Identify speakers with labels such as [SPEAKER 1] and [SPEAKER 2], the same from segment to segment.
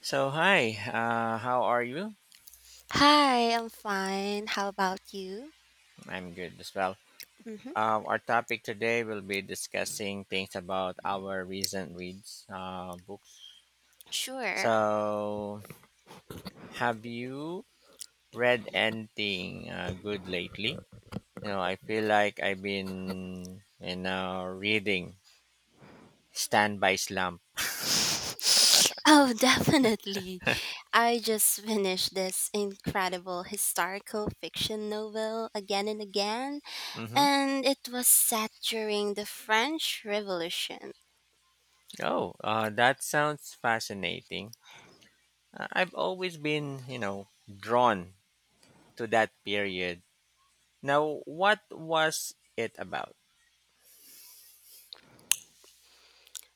[SPEAKER 1] So, hi, how are you?
[SPEAKER 2] Hi, I'm fine. How about you?
[SPEAKER 1] I'm good as well.
[SPEAKER 2] Mm-hmm.
[SPEAKER 1] Our topic today will be discussing things about our recent reads books.
[SPEAKER 2] Sure.
[SPEAKER 1] So, have you read anything good lately? You know, I feel like I've been in reading standby Slump.
[SPEAKER 2] Oh, definitely. I just finished this incredible historical fiction novel again and again,
[SPEAKER 1] Mm-hmm.
[SPEAKER 2] and it was set during the French Revolution.
[SPEAKER 1] Oh, that sounds fascinating. I've always been drawn to that period. Now, what was it about?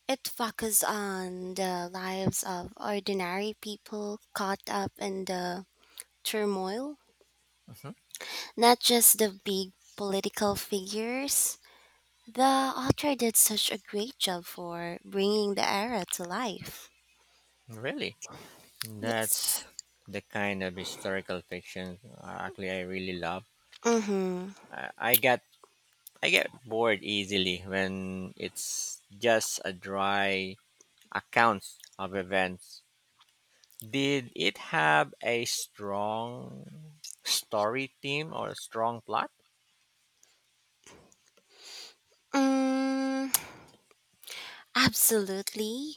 [SPEAKER 2] It focused on the lives of ordinary people caught up in the turmoil,
[SPEAKER 1] Mhm.
[SPEAKER 2] not just the big political figures. The author did such a great job for bringing the era to life.
[SPEAKER 1] Really? That's
[SPEAKER 2] Yes.
[SPEAKER 1] the kind of historical fiction actually I really love.
[SPEAKER 2] Mm-hmm.
[SPEAKER 1] I, I get I get bored easily when it's just a dry account of events. Did it have a strong story theme or a strong plot?
[SPEAKER 2] Mm, absolutely.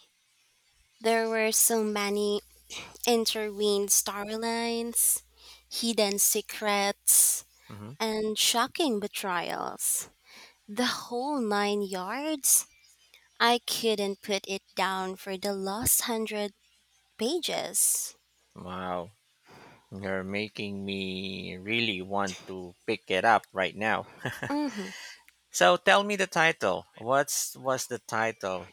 [SPEAKER 2] There were so many intertwined storylines, hidden secrets,
[SPEAKER 1] Hmm.
[SPEAKER 2] and shocking betrayals. The whole nine yards. I couldn't put it down for the last 100 pages.
[SPEAKER 1] Wow, you're making me really want to pick it up right now.
[SPEAKER 2] Mm-hmm.
[SPEAKER 1] So tell me the title. What's was the title?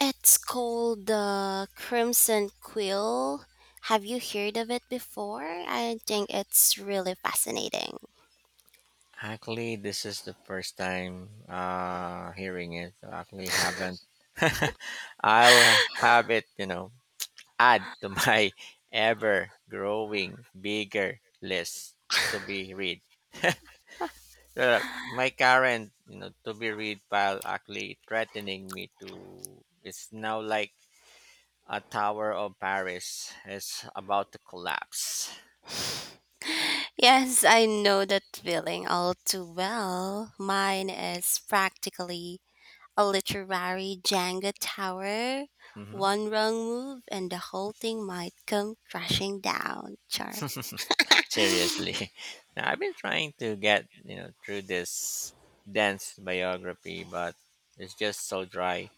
[SPEAKER 2] It's called the Crimson Quill. Have you heard of it before? I think it's really fascinating.
[SPEAKER 1] Actually, this is the first time hearing it. I actually haven't. I'll have it add to my ever growing bigger list to be read. My current to be read pile actually threatening me to it's now like a tower of Paris is about to collapse.
[SPEAKER 2] Yes, I know that feeling all too well. Mine is practically a literary Jenga tower.
[SPEAKER 1] Mhm.
[SPEAKER 2] One wrong move and the whole thing might come crashing down. Char.
[SPEAKER 1] Seriously. Now I've been trying to get through this dense biography, but it's just so dry.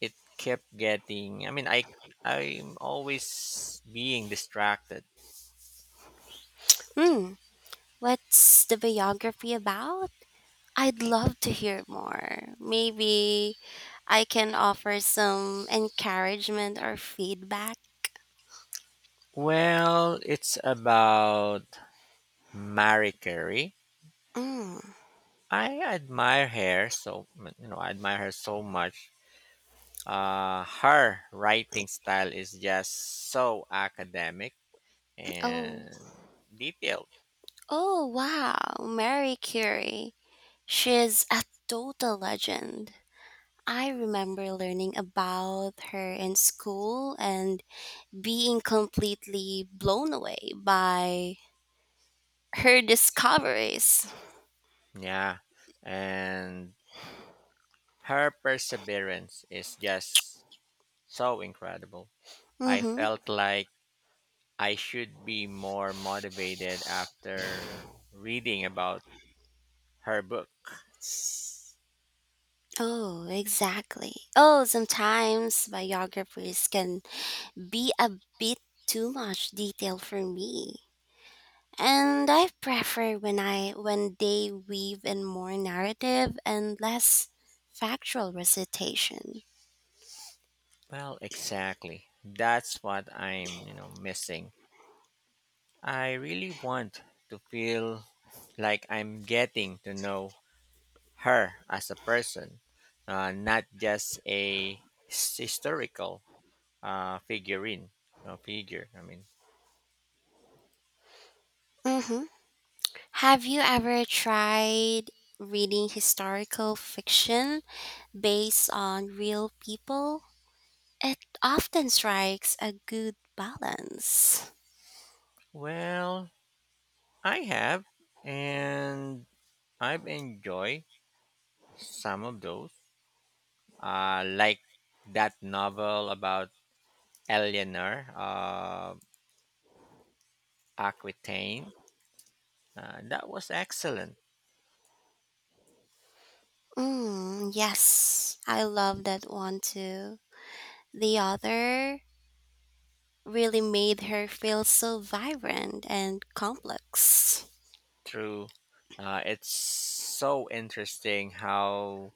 [SPEAKER 1] It kept getting. I mean, I'm always being distracted.
[SPEAKER 2] Hmm. What's the biography about? I'd love to hear more. Maybe I can offer some encouragement or feedback.
[SPEAKER 1] Well, it's about Marie Curie.
[SPEAKER 2] Mm.
[SPEAKER 1] I admire her so I admire her so much. Her writing style is just so academic
[SPEAKER 2] Oh,
[SPEAKER 1] and detailed.
[SPEAKER 2] oh, wow. Mary Curie. She's a total legend. I remember learning about her in school and being completely blown away by her discoveries.
[SPEAKER 1] Yeah. And her perseverance is just so incredible. I
[SPEAKER 2] Mm-hmm.
[SPEAKER 1] felt like I should be more motivated after reading about her book.
[SPEAKER 2] Oh, exactly. Oh, sometimes biographies can be a bit too much detail for me. And I prefer when I when they weave in more narrative and less factual recitation.
[SPEAKER 1] Well, exactly. That's what I'm missing. I really want to feel like I'm getting to know her as a person, not just a historical uh, figurine, figure. I mean,
[SPEAKER 2] Hmm Have you ever tried reading historical fiction based on real people? It often strikes a good balance.
[SPEAKER 1] well, I have, and I've enjoyed some of those. Like that novel about Eleanor of Aquitaine. That was excellent.
[SPEAKER 2] Mm, yes, I love that one too. The author really made her feel so vibrant and complex.
[SPEAKER 1] True, it's so interesting how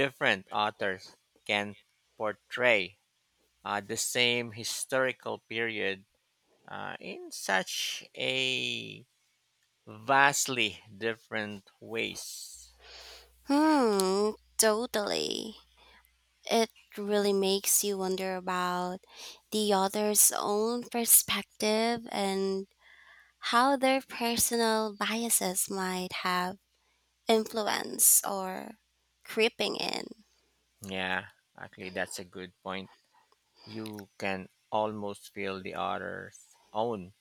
[SPEAKER 1] different authors can portray the same historical period in such a vastly different ways.
[SPEAKER 2] Hmm, totally. It really makes you wonder about the author's own perspective and how their personal biases might have influence or creeping in.
[SPEAKER 1] Yeah, actually, that's a good point. You can almost feel the author's own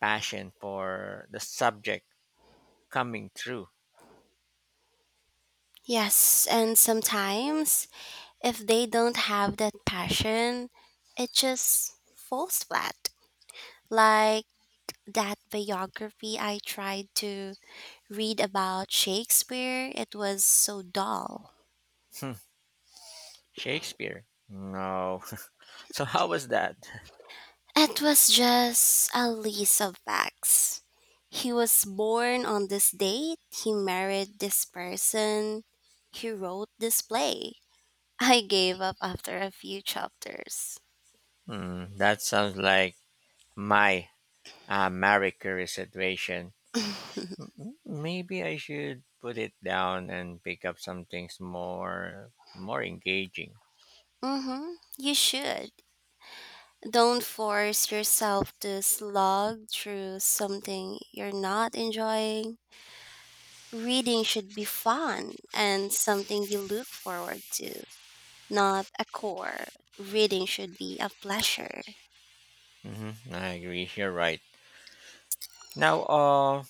[SPEAKER 1] passion for the subject coming through.
[SPEAKER 2] Yes, and sometimes if they don't have that passion, it just falls flat. Like that biography I tried to read about Shakespeare, it was so dull.
[SPEAKER 1] Hmm, Shakespeare? No. So, how was that?
[SPEAKER 2] It was just a list of facts. He was born on this date, he married this person, he wrote this play. I gave up after a few chapters.
[SPEAKER 1] Hmm, that sounds like my Marie Curie situation.
[SPEAKER 2] Mm-hmm,
[SPEAKER 1] Maybe I should put it down and pick up some things more engaging.
[SPEAKER 2] you should. Don't force yourself to slog through something you're not enjoying. Reading should be fun and something you look forward to, not a chore. Reading should be a pleasure.
[SPEAKER 1] Hmm. I agree. You're right. Now,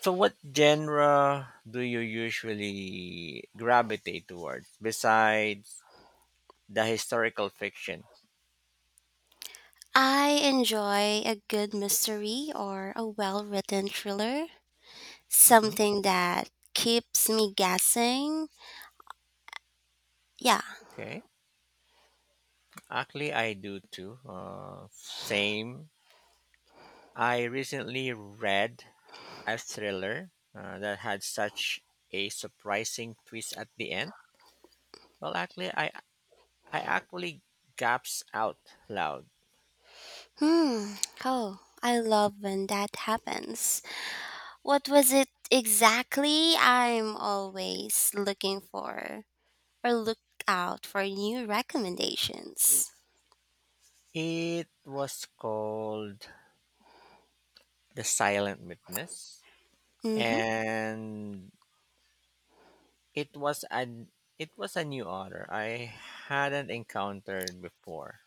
[SPEAKER 1] so, what genre do you usually gravitate towards besides the historical fiction?
[SPEAKER 2] I enjoy a good mystery or a well written thriller,
[SPEAKER 1] Hmm.
[SPEAKER 2] something that keeps me guessing. Yeah.
[SPEAKER 1] Okay, actually, I do too. Same. I recently read a thriller that had such a surprising twist at the end. Well, actually, I actually gasped out loud.
[SPEAKER 2] Hmm. Oh, I love when that happens. What was it exactly? I'm always look out for new recommendations.
[SPEAKER 1] It was called The Silent Witness,
[SPEAKER 2] Mm hmm.
[SPEAKER 1] and it was an it was a new otter I hadn't encountered before.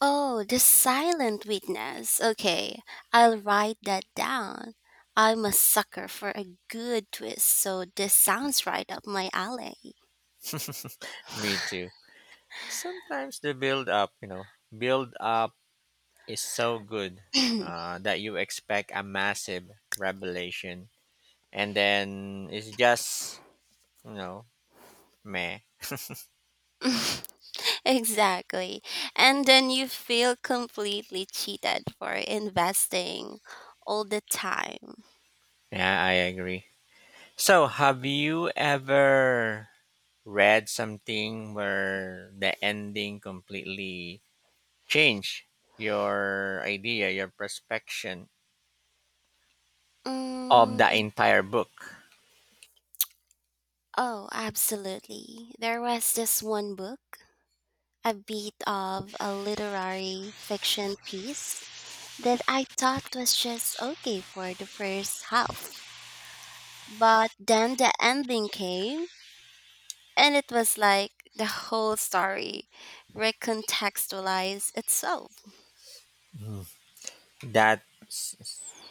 [SPEAKER 2] Oh, the silent witness. Okay, I'll write that down. I'm a sucker for a good twist, so this sounds right up my alley.
[SPEAKER 1] Me too. Sometimes the build up is so good that you expect a massive revelation, and then it's just you know meh.
[SPEAKER 2] Exactly. And then you feel completely cheated for investing all the time.
[SPEAKER 1] Yeah, I agree. So, have you ever read something where the ending completely changed your idea, your perspective of the
[SPEAKER 2] Mm,
[SPEAKER 1] entire book?
[SPEAKER 2] oh, absolutely. There was this one book, a bit of a literary fiction piece that I thought was just okay for the first half. But then the ending came, and it was like the whole story recontextualized itself.
[SPEAKER 1] Mm. That's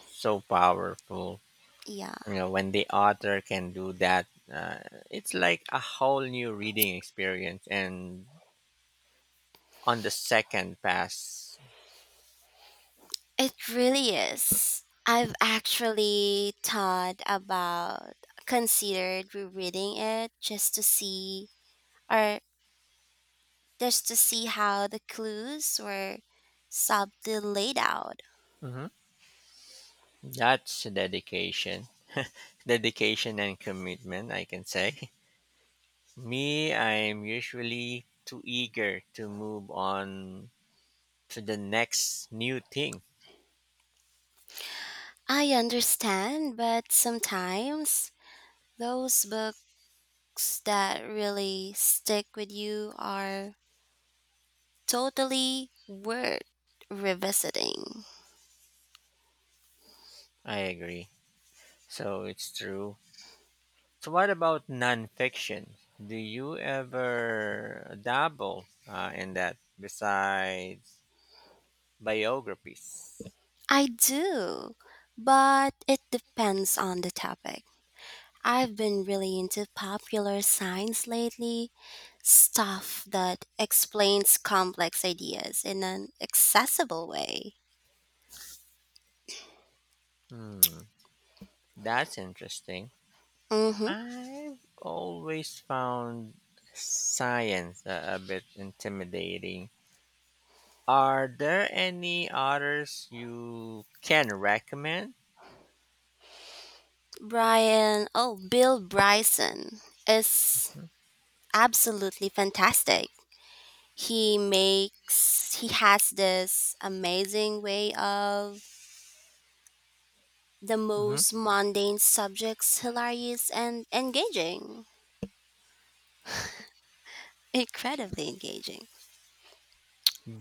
[SPEAKER 1] so powerful.
[SPEAKER 2] Yeah,
[SPEAKER 1] You know, when the author can do that, uh, it's like a whole new reading experience. And on the second pass,
[SPEAKER 2] it really is. I've actually thought about, considered rereading it just to see, or just to see how the clues were subtly laid out.
[SPEAKER 1] Mhm. That's dedication and commitment. I can say. Me, I'm usually too eager to move on to the next new thing.
[SPEAKER 2] I understand, but sometimes those books that really stick with you are totally worth revisiting.
[SPEAKER 1] I agree. So it's true. So, what about nonfiction? Do you ever dabble in that besides biographies?
[SPEAKER 2] I do, but it depends on the topic. I've been really into popular science lately, stuff that explains complex ideas in an accessible way.
[SPEAKER 1] Hmm, that's interesting.
[SPEAKER 2] Mm-hmm.
[SPEAKER 1] I've always found science a bit intimidating. Are there any others you can recommend?
[SPEAKER 2] Bill Bryson is absolutely fantastic. He has this amazing way of the
[SPEAKER 1] Mhm.
[SPEAKER 2] most mundane subjects hilarious and engaging, incredibly engaging.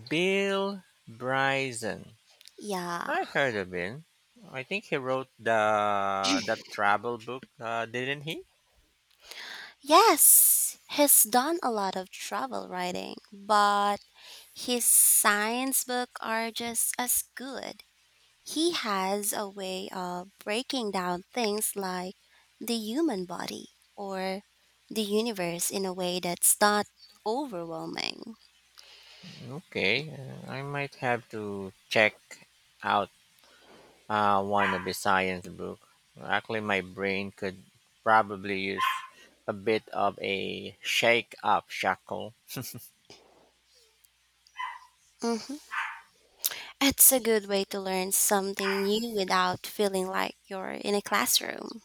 [SPEAKER 1] Bill Bryson.
[SPEAKER 2] Yeah.
[SPEAKER 1] I heard of him. I think he wrote the that travel book, didn't he?
[SPEAKER 2] Yes, he's done a lot of travel writing, but his science book are just as good. He has a way of breaking down things like the human body or the universe in a way that's not overwhelming.
[SPEAKER 1] Okay, I might have to check out one of the science book. Actually, my brain could probably use a bit of a shake up, shackle.
[SPEAKER 2] Hmm It's a good way to learn something new without feeling like you're in a classroom.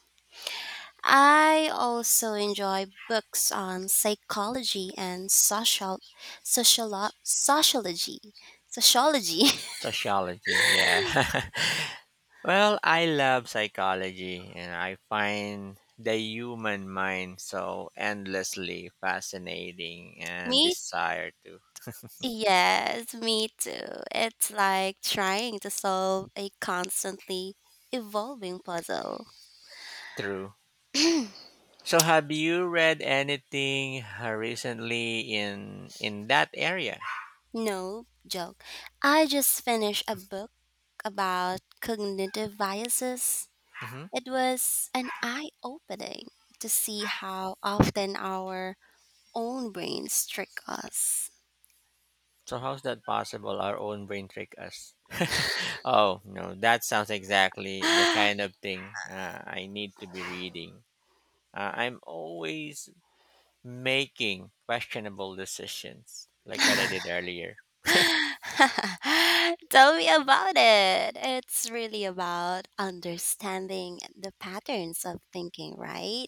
[SPEAKER 2] I also enjoy books on psychology and sociology. Sociology.
[SPEAKER 1] Sociology, yeah. Well, I love psychology, and I find the human mind so endlessly fascinating and
[SPEAKER 2] Me
[SPEAKER 1] bizarre too.
[SPEAKER 2] Yes, me too. It's like trying to solve a constantly evolving puzzle.
[SPEAKER 1] True. So have you read anything recently in that area?
[SPEAKER 2] No joke. I just finished a book about cognitive biases.
[SPEAKER 1] Hmm.
[SPEAKER 2] It was an eye opening to see how often our own brains trick us.
[SPEAKER 1] So how's that possible? Our own brain trick us. Oh no, that sounds exactly the kind of thing I need to be reading. I'm always making questionable decisions, like what I did earlier.
[SPEAKER 2] Tell me about it. It's really about understanding the patterns of thinking, right?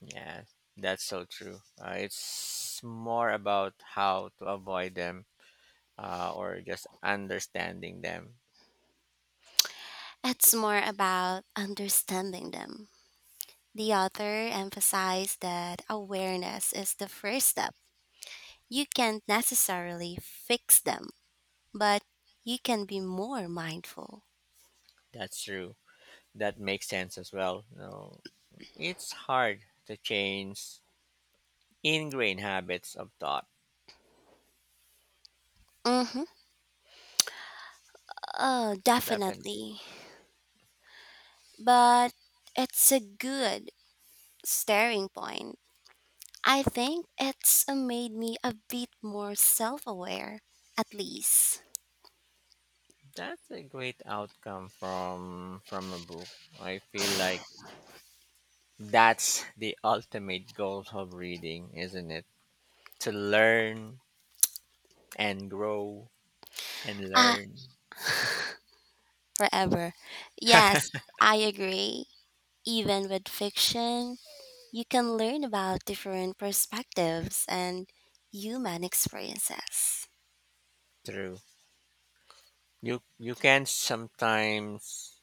[SPEAKER 1] Yeah, that's so true. It's more about how to avoid them or just understanding them.
[SPEAKER 2] It's more about understanding them. The author emphasized that awareness is the first step. You can't necessarily fix them, but you can be more mindful.
[SPEAKER 1] That's true. That makes sense as well. You know, it's hard to change ingrained habits of thought.
[SPEAKER 2] Mm-hmm. Oh,
[SPEAKER 1] Definitely,
[SPEAKER 2] definitely. But it's a good staring point. I think it's made me a bit more self aware, at least.
[SPEAKER 1] that's a great outcome from a book. I feel like that's the ultimate goal of reading, isn't it? To learn and grow and
[SPEAKER 2] Ah,
[SPEAKER 1] learn
[SPEAKER 2] forever. Yes, I agree. Even with fiction, you can learn about different perspectives and human experiences.
[SPEAKER 1] through. You can sometimes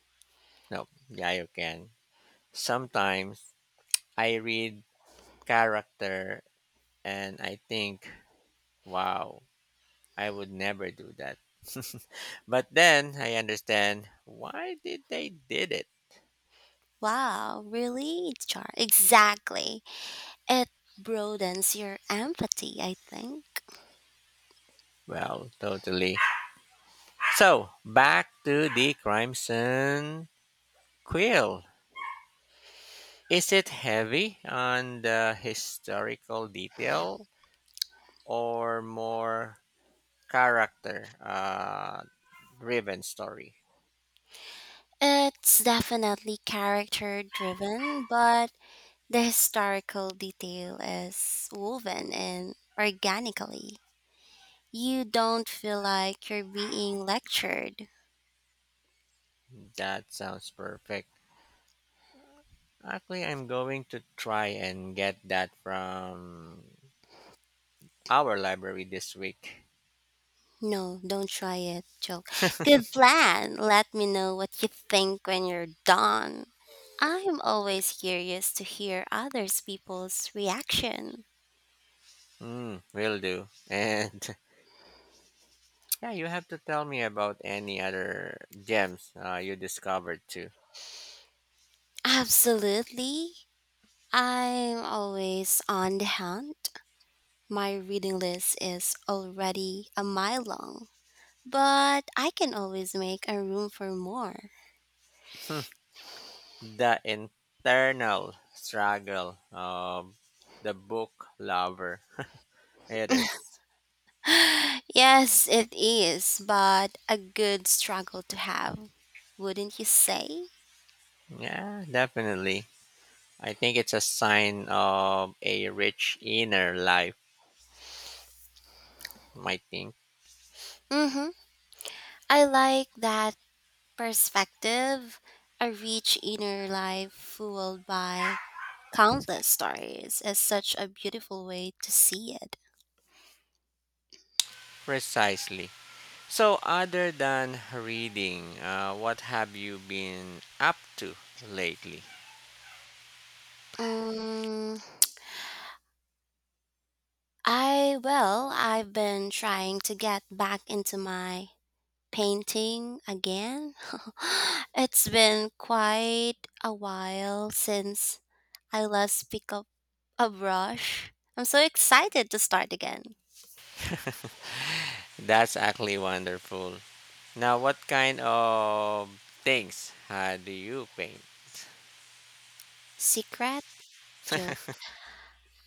[SPEAKER 1] no, yeah, you can. Sometimes I read character and I think, wow, I would never do that. But then I understand why did they did it.
[SPEAKER 2] Wow, really, Char? Exactly. It broadens your empathy, I think.
[SPEAKER 1] Well, totally. So back to the Crimson Quill. Is it heavy on the historical detail or more character driven story?
[SPEAKER 2] It's definitely character driven, but the historical detail is woven in organically. You don't feel like you're being lectured.
[SPEAKER 1] That sounds perfect. Actually, I'm going to try and get that from our library this week.
[SPEAKER 2] No, don't try it, joke. Good plan. Let me know what you think when you're done. I'm always curious to hear others people's reaction.
[SPEAKER 1] Mm, will do. And yeah, you have to tell me about any other gems you discovered too.
[SPEAKER 2] Absolutely. I'm always on the hunt. My reading list is already a mile long. But I can always make a room for more.
[SPEAKER 1] Hmm, the internal struggle of the book lover. It is.
[SPEAKER 2] Yes, it is, but a good struggle to have, wouldn't you say?
[SPEAKER 1] Yeah, definitely. I think it's a sign of a rich inner life, I think.
[SPEAKER 2] Mm-hmm. I like that perspective, a rich inner life fueled by countless stories is such a beautiful way to see it.
[SPEAKER 1] Precisely. So, other than reading, what have you been up to lately?
[SPEAKER 2] Mm, I've been trying to get back into my painting again. It's been quite a while since I last picked up a brush. I'm so excited to start again.
[SPEAKER 1] That's actually wonderful. Now, what kind of things do you paint?
[SPEAKER 2] Secret joke.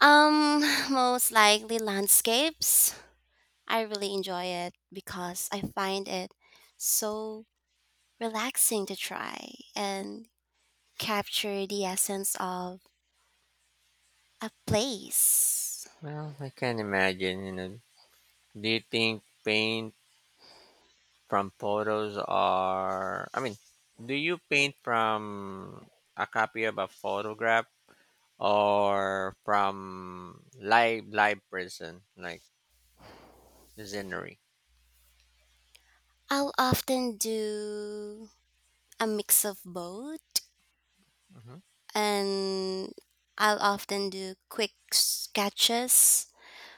[SPEAKER 2] Um, Most likely landscapes. I really enjoy it because I find it so relaxing to try and capture the essence of a place.
[SPEAKER 1] Well, I can imagine, you know. Do you think paint from photos are, I mean, do you paint from a copy of a photograph or from live person like scenery?
[SPEAKER 2] I'll often do a mix of both,
[SPEAKER 1] Hmm.
[SPEAKER 2] and I'll often do quick sketches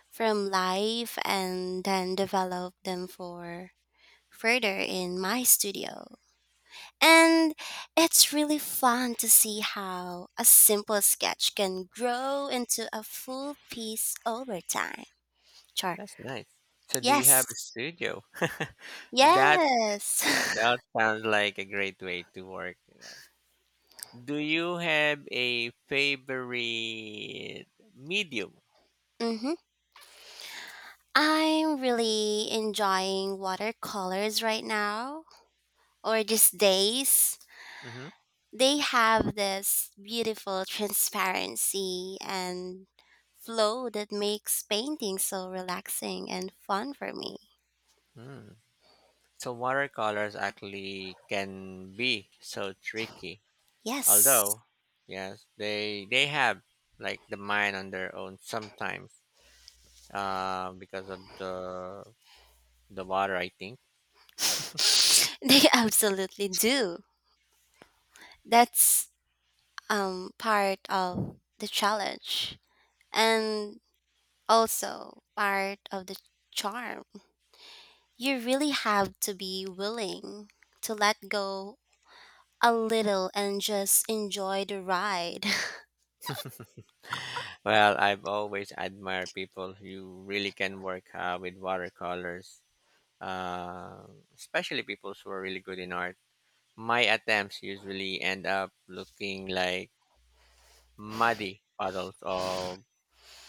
[SPEAKER 2] from life and then develop them for further in my studio. And it's really fun to see how a simple sketch can grow into a full piece over time. Char.
[SPEAKER 1] That's nice. So, do you have
[SPEAKER 2] Yes.
[SPEAKER 1] a studio? That
[SPEAKER 2] Yes.
[SPEAKER 1] yeah, that sounds like a great way to work. Do you have a favorite medium?
[SPEAKER 2] Mhm. I'm really enjoying watercolors right now or these days.
[SPEAKER 1] Hmm.
[SPEAKER 2] They have this beautiful transparency and flow that makes painting so relaxing and fun for me.
[SPEAKER 1] Mm. So watercolors actually can be so tricky.
[SPEAKER 2] Yes,
[SPEAKER 1] Although, yes, they have like the mind on their own sometimes because of the water. I think.
[SPEAKER 2] they absolutely do. That's part of the challenge and also part of the charm. You really have to be willing to let go a little and just enjoy the ride.
[SPEAKER 1] Well, I've always admired people who really can work with watercolors, uh, especially people who are really good in art. My attempts usually end up looking like muddy puddles of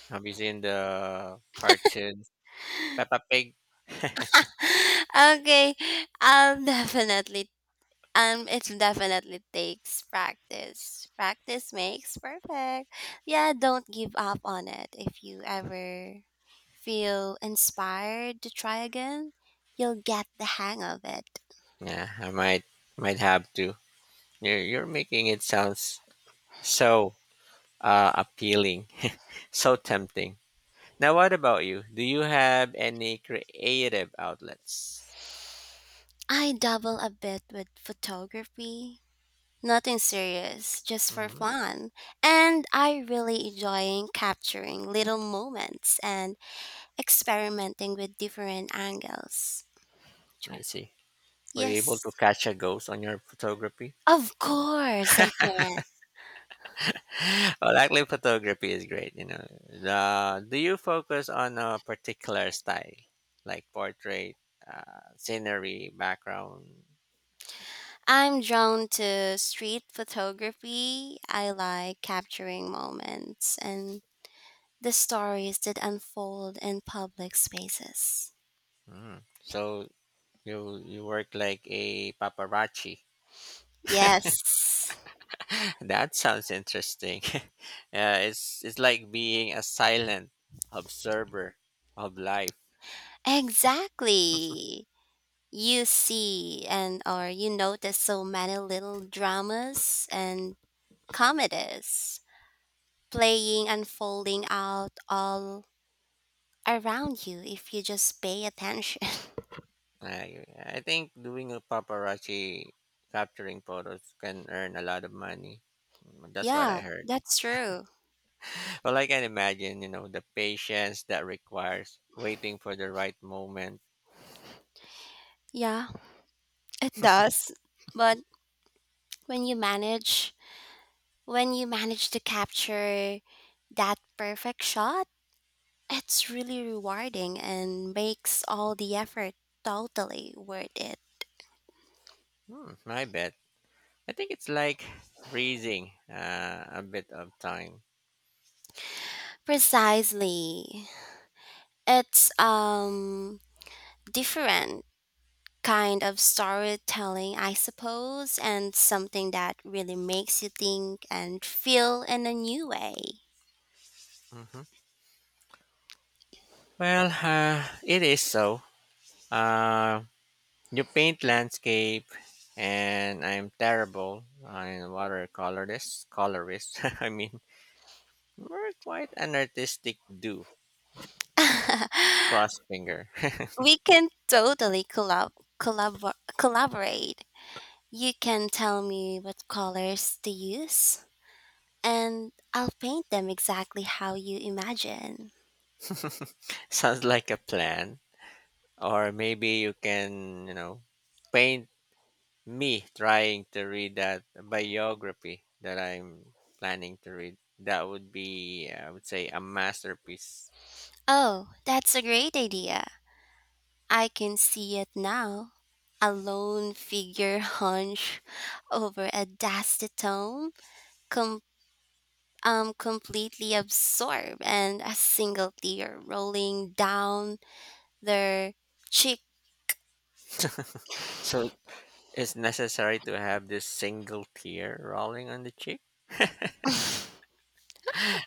[SPEAKER 1] have you seen the cartoons Peppa Pig?
[SPEAKER 2] Okay, I'll definitely. It definitely takes practice. Practice makes perfect. Yeah, don't give up on it. If you ever feel inspired to try again, you'll get the hang of it.
[SPEAKER 1] Yeah, I might have to. You're making it sounds so appealing, so tempting. Now, what about you? Do you have any creative outlets?
[SPEAKER 2] I dabble a bit with photography. Nothing serious, just for
[SPEAKER 1] Hmm.
[SPEAKER 2] fun. And I really enjoying capturing little moments and experimenting with different angles.
[SPEAKER 1] I see. Were you able
[SPEAKER 2] Yes,
[SPEAKER 1] to catch a ghost on your photography?
[SPEAKER 2] of course I can.
[SPEAKER 1] Well, actually, photography is great. You know, do you focus on a particular style, like portrait, scenery, background?
[SPEAKER 2] I'm drawn to street photography. I like capturing moments and the stories that unfold in public spaces.
[SPEAKER 1] Mm. So you work like a paparazzi.
[SPEAKER 2] Yes,
[SPEAKER 1] That sounds interesting. It's it's like being a silent observer of life.
[SPEAKER 2] exactly. You see and or you notice so many little dramas and comedies playing unfolding out all around you if you just pay attention.
[SPEAKER 1] I think doing a paparazzi capturing photos can earn a lot of money. That's what I
[SPEAKER 2] Yeah,
[SPEAKER 1] heard.
[SPEAKER 2] that's true.
[SPEAKER 1] Well, I can imagine the patience that requires waiting for the right moment.
[SPEAKER 2] Yeah, it does. But when you manage, When you manage to capture that perfect shot, it's really rewarding and makes all the effort totally worth it.
[SPEAKER 1] Hmm, I bet. I think it's like freezing a bit of time.
[SPEAKER 2] Precisely. It's different kind of storytelling, I suppose, and something that really makes you think and feel in a new way.
[SPEAKER 1] Hmm. Well, it is so. Uh, you paint landscape, and I'm terrible. I'm a watercolorist. Colorist, I mean, we're quite an artistic do. Cross finger.
[SPEAKER 2] We can totally collaborate. You can tell me what colors to use, and I'll paint them exactly how you imagine.
[SPEAKER 1] Sounds like a plan. Or maybe you can paint me trying to read that biography that I'm planning to read. That would be, I would say, a masterpiece.
[SPEAKER 2] Oh, that's a great idea. I can see it now. A lone figure hunched over a dusty tome, com- completely absorbed, and a single tear rolling down their cheek.
[SPEAKER 1] So it's necessary to have this single tear rolling on the cheek.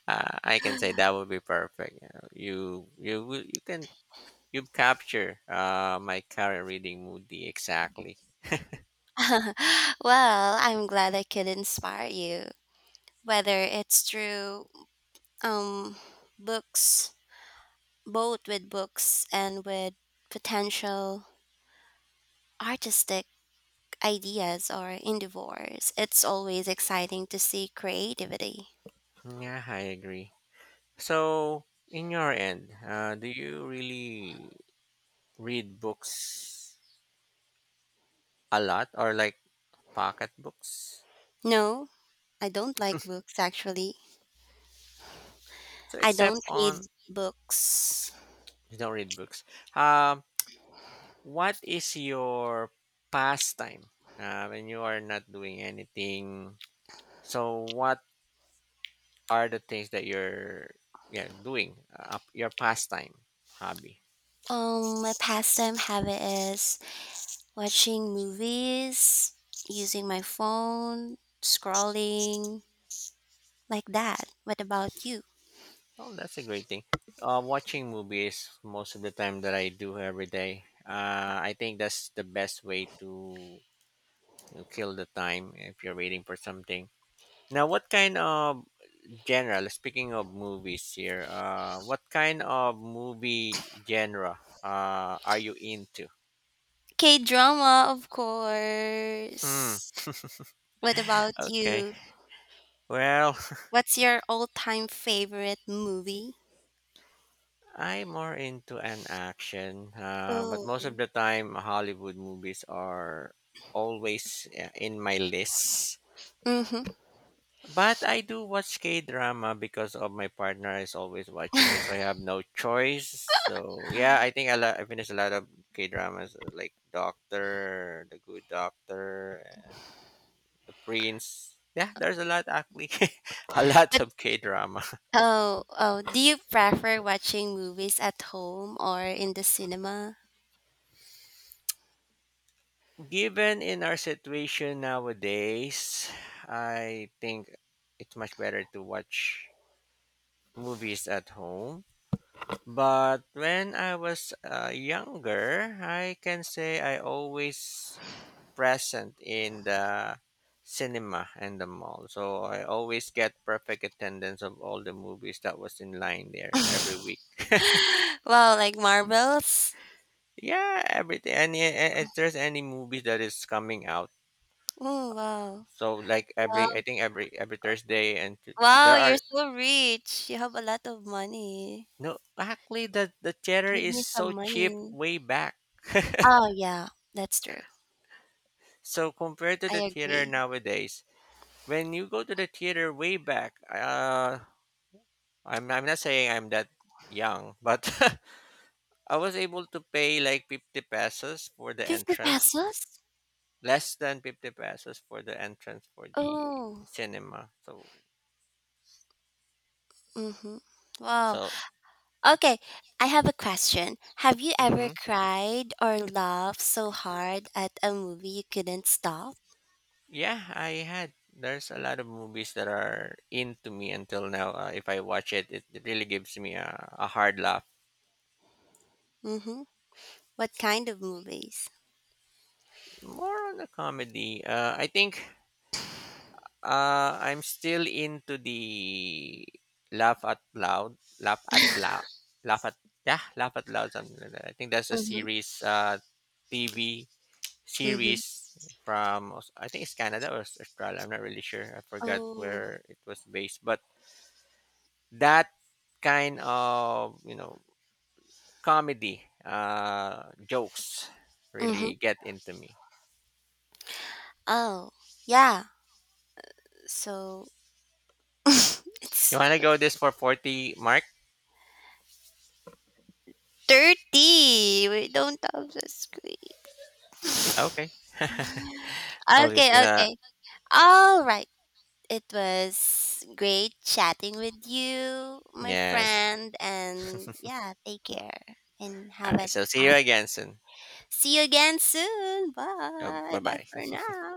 [SPEAKER 1] I can say that would be perfect. You know, you, you can you capture my current reading mood exactly.
[SPEAKER 2] Well, I'm glad I could inspire you, whether it's through um books, both with books and with potential artistic ideas or endeavors. It's always exciting to see creativity.
[SPEAKER 1] Yeah, I agree. So, in your end, do you really read books a lot, or like Pocket books.
[SPEAKER 2] No, I don't like books actually.
[SPEAKER 1] So
[SPEAKER 2] I
[SPEAKER 1] except
[SPEAKER 2] don't read
[SPEAKER 1] on
[SPEAKER 2] books.
[SPEAKER 1] you don't read books. Um, what is your pastime when you are not doing anything? So what are the things that you're, yeah, doing? Your pastime hobby.
[SPEAKER 2] Um, my pastime habit is watching movies, using my phone, scrolling, like that. What about you?
[SPEAKER 1] Oh, that's a great thing. Watching movies most of the time that I do every day. I think that's the best way to kill the time if you're waiting for something. Now, what kind of General, speaking of movies here, what kind of movie genre are you into?
[SPEAKER 2] K drama, of
[SPEAKER 1] Hmm.
[SPEAKER 2] course. What about
[SPEAKER 1] Okay.
[SPEAKER 2] you?
[SPEAKER 1] Well,
[SPEAKER 2] What's your all time favorite movie?
[SPEAKER 1] I'm more into an action, but
[SPEAKER 2] Oh.
[SPEAKER 1] most of the time, Hollywood movies are always in my list.
[SPEAKER 2] Mm-hmm.
[SPEAKER 1] But I do watch K drama because of my partner is always watching it, so I have no choice. So yeah, I think I finished a lot of K dramas like Doctor, The Good Doctor, The Prince. Yeah, there's a lot actually, a lot
[SPEAKER 2] But
[SPEAKER 1] of K drama.
[SPEAKER 2] oh, oh, do you prefer watching movies at home or in the cinema?
[SPEAKER 1] Given in our situation nowadays, I think it's much better to watch movies at home. But when I was younger, I can say I always present in the cinema and the mall. So I always get perfect attendance of all the movies that was in line there every week.
[SPEAKER 2] Wow, like marbles?
[SPEAKER 1] Yeah, everything. If there's any movie that is coming out,
[SPEAKER 2] Oh wow.
[SPEAKER 1] so like
[SPEAKER 2] You have,
[SPEAKER 1] every I think every Thursday and there
[SPEAKER 2] wow,
[SPEAKER 1] are
[SPEAKER 2] you're so rich. You have a lot of money.
[SPEAKER 1] no actually the theater
[SPEAKER 2] Give
[SPEAKER 1] is
[SPEAKER 2] me
[SPEAKER 1] so
[SPEAKER 2] some
[SPEAKER 1] cheap
[SPEAKER 2] money.
[SPEAKER 1] way back.
[SPEAKER 2] Oh yeah, that's true.
[SPEAKER 1] So compared to the
[SPEAKER 2] I
[SPEAKER 1] theater
[SPEAKER 2] agree.
[SPEAKER 1] nowadays, when you go to the theater way back, I'm not saying I'm that young, but I was able to pay like 50 pesos for the
[SPEAKER 2] 50
[SPEAKER 1] entrance,
[SPEAKER 2] pesos?
[SPEAKER 1] less than 50 pesos for the entrance for the
[SPEAKER 2] Oh.
[SPEAKER 1] cinema. So
[SPEAKER 2] Mm-hmm. Wow.
[SPEAKER 1] so
[SPEAKER 2] Okay, I have a question. Have you ever
[SPEAKER 1] hmm
[SPEAKER 2] cried or laughed so hard at a movie you couldn't stop?
[SPEAKER 1] yeah, I had there's a lot of movies that are into me until now. If I watch it, really gives me a, hard laugh.
[SPEAKER 2] Mm-hmm. What kind of movies?
[SPEAKER 1] More on the comedy. I think I'm still into the laugh at loud, laugh at loud, laugh at yeah, laugh at loud something like that. I think that's a
[SPEAKER 2] Mm-hmm.
[SPEAKER 1] series, TV
[SPEAKER 2] Mm-hmm.
[SPEAKER 1] series from I think it's Canada or Australia. I'm not really sure. I forgot
[SPEAKER 2] Oh.
[SPEAKER 1] where it was based, but that kind of comedy jokes really
[SPEAKER 2] Mm-hmm.
[SPEAKER 1] get into me.
[SPEAKER 2] Oh. Yeah. So
[SPEAKER 1] You
[SPEAKER 2] it's
[SPEAKER 1] wanna go this for 40 mark?
[SPEAKER 2] 30. We don't have the screen.
[SPEAKER 1] Okay. Oh, just
[SPEAKER 2] Okay,
[SPEAKER 1] gonna
[SPEAKER 2] okay. All right. It was great chatting with you, my
[SPEAKER 1] yes.
[SPEAKER 2] friend. And yeah, take care and have
[SPEAKER 1] All right.
[SPEAKER 2] an
[SPEAKER 1] So see you
[SPEAKER 2] awesome.
[SPEAKER 1] again soon.
[SPEAKER 2] See you again soon.
[SPEAKER 1] Uh,
[SPEAKER 2] Bye.
[SPEAKER 1] bye
[SPEAKER 2] Bye
[SPEAKER 1] bye.
[SPEAKER 2] for now.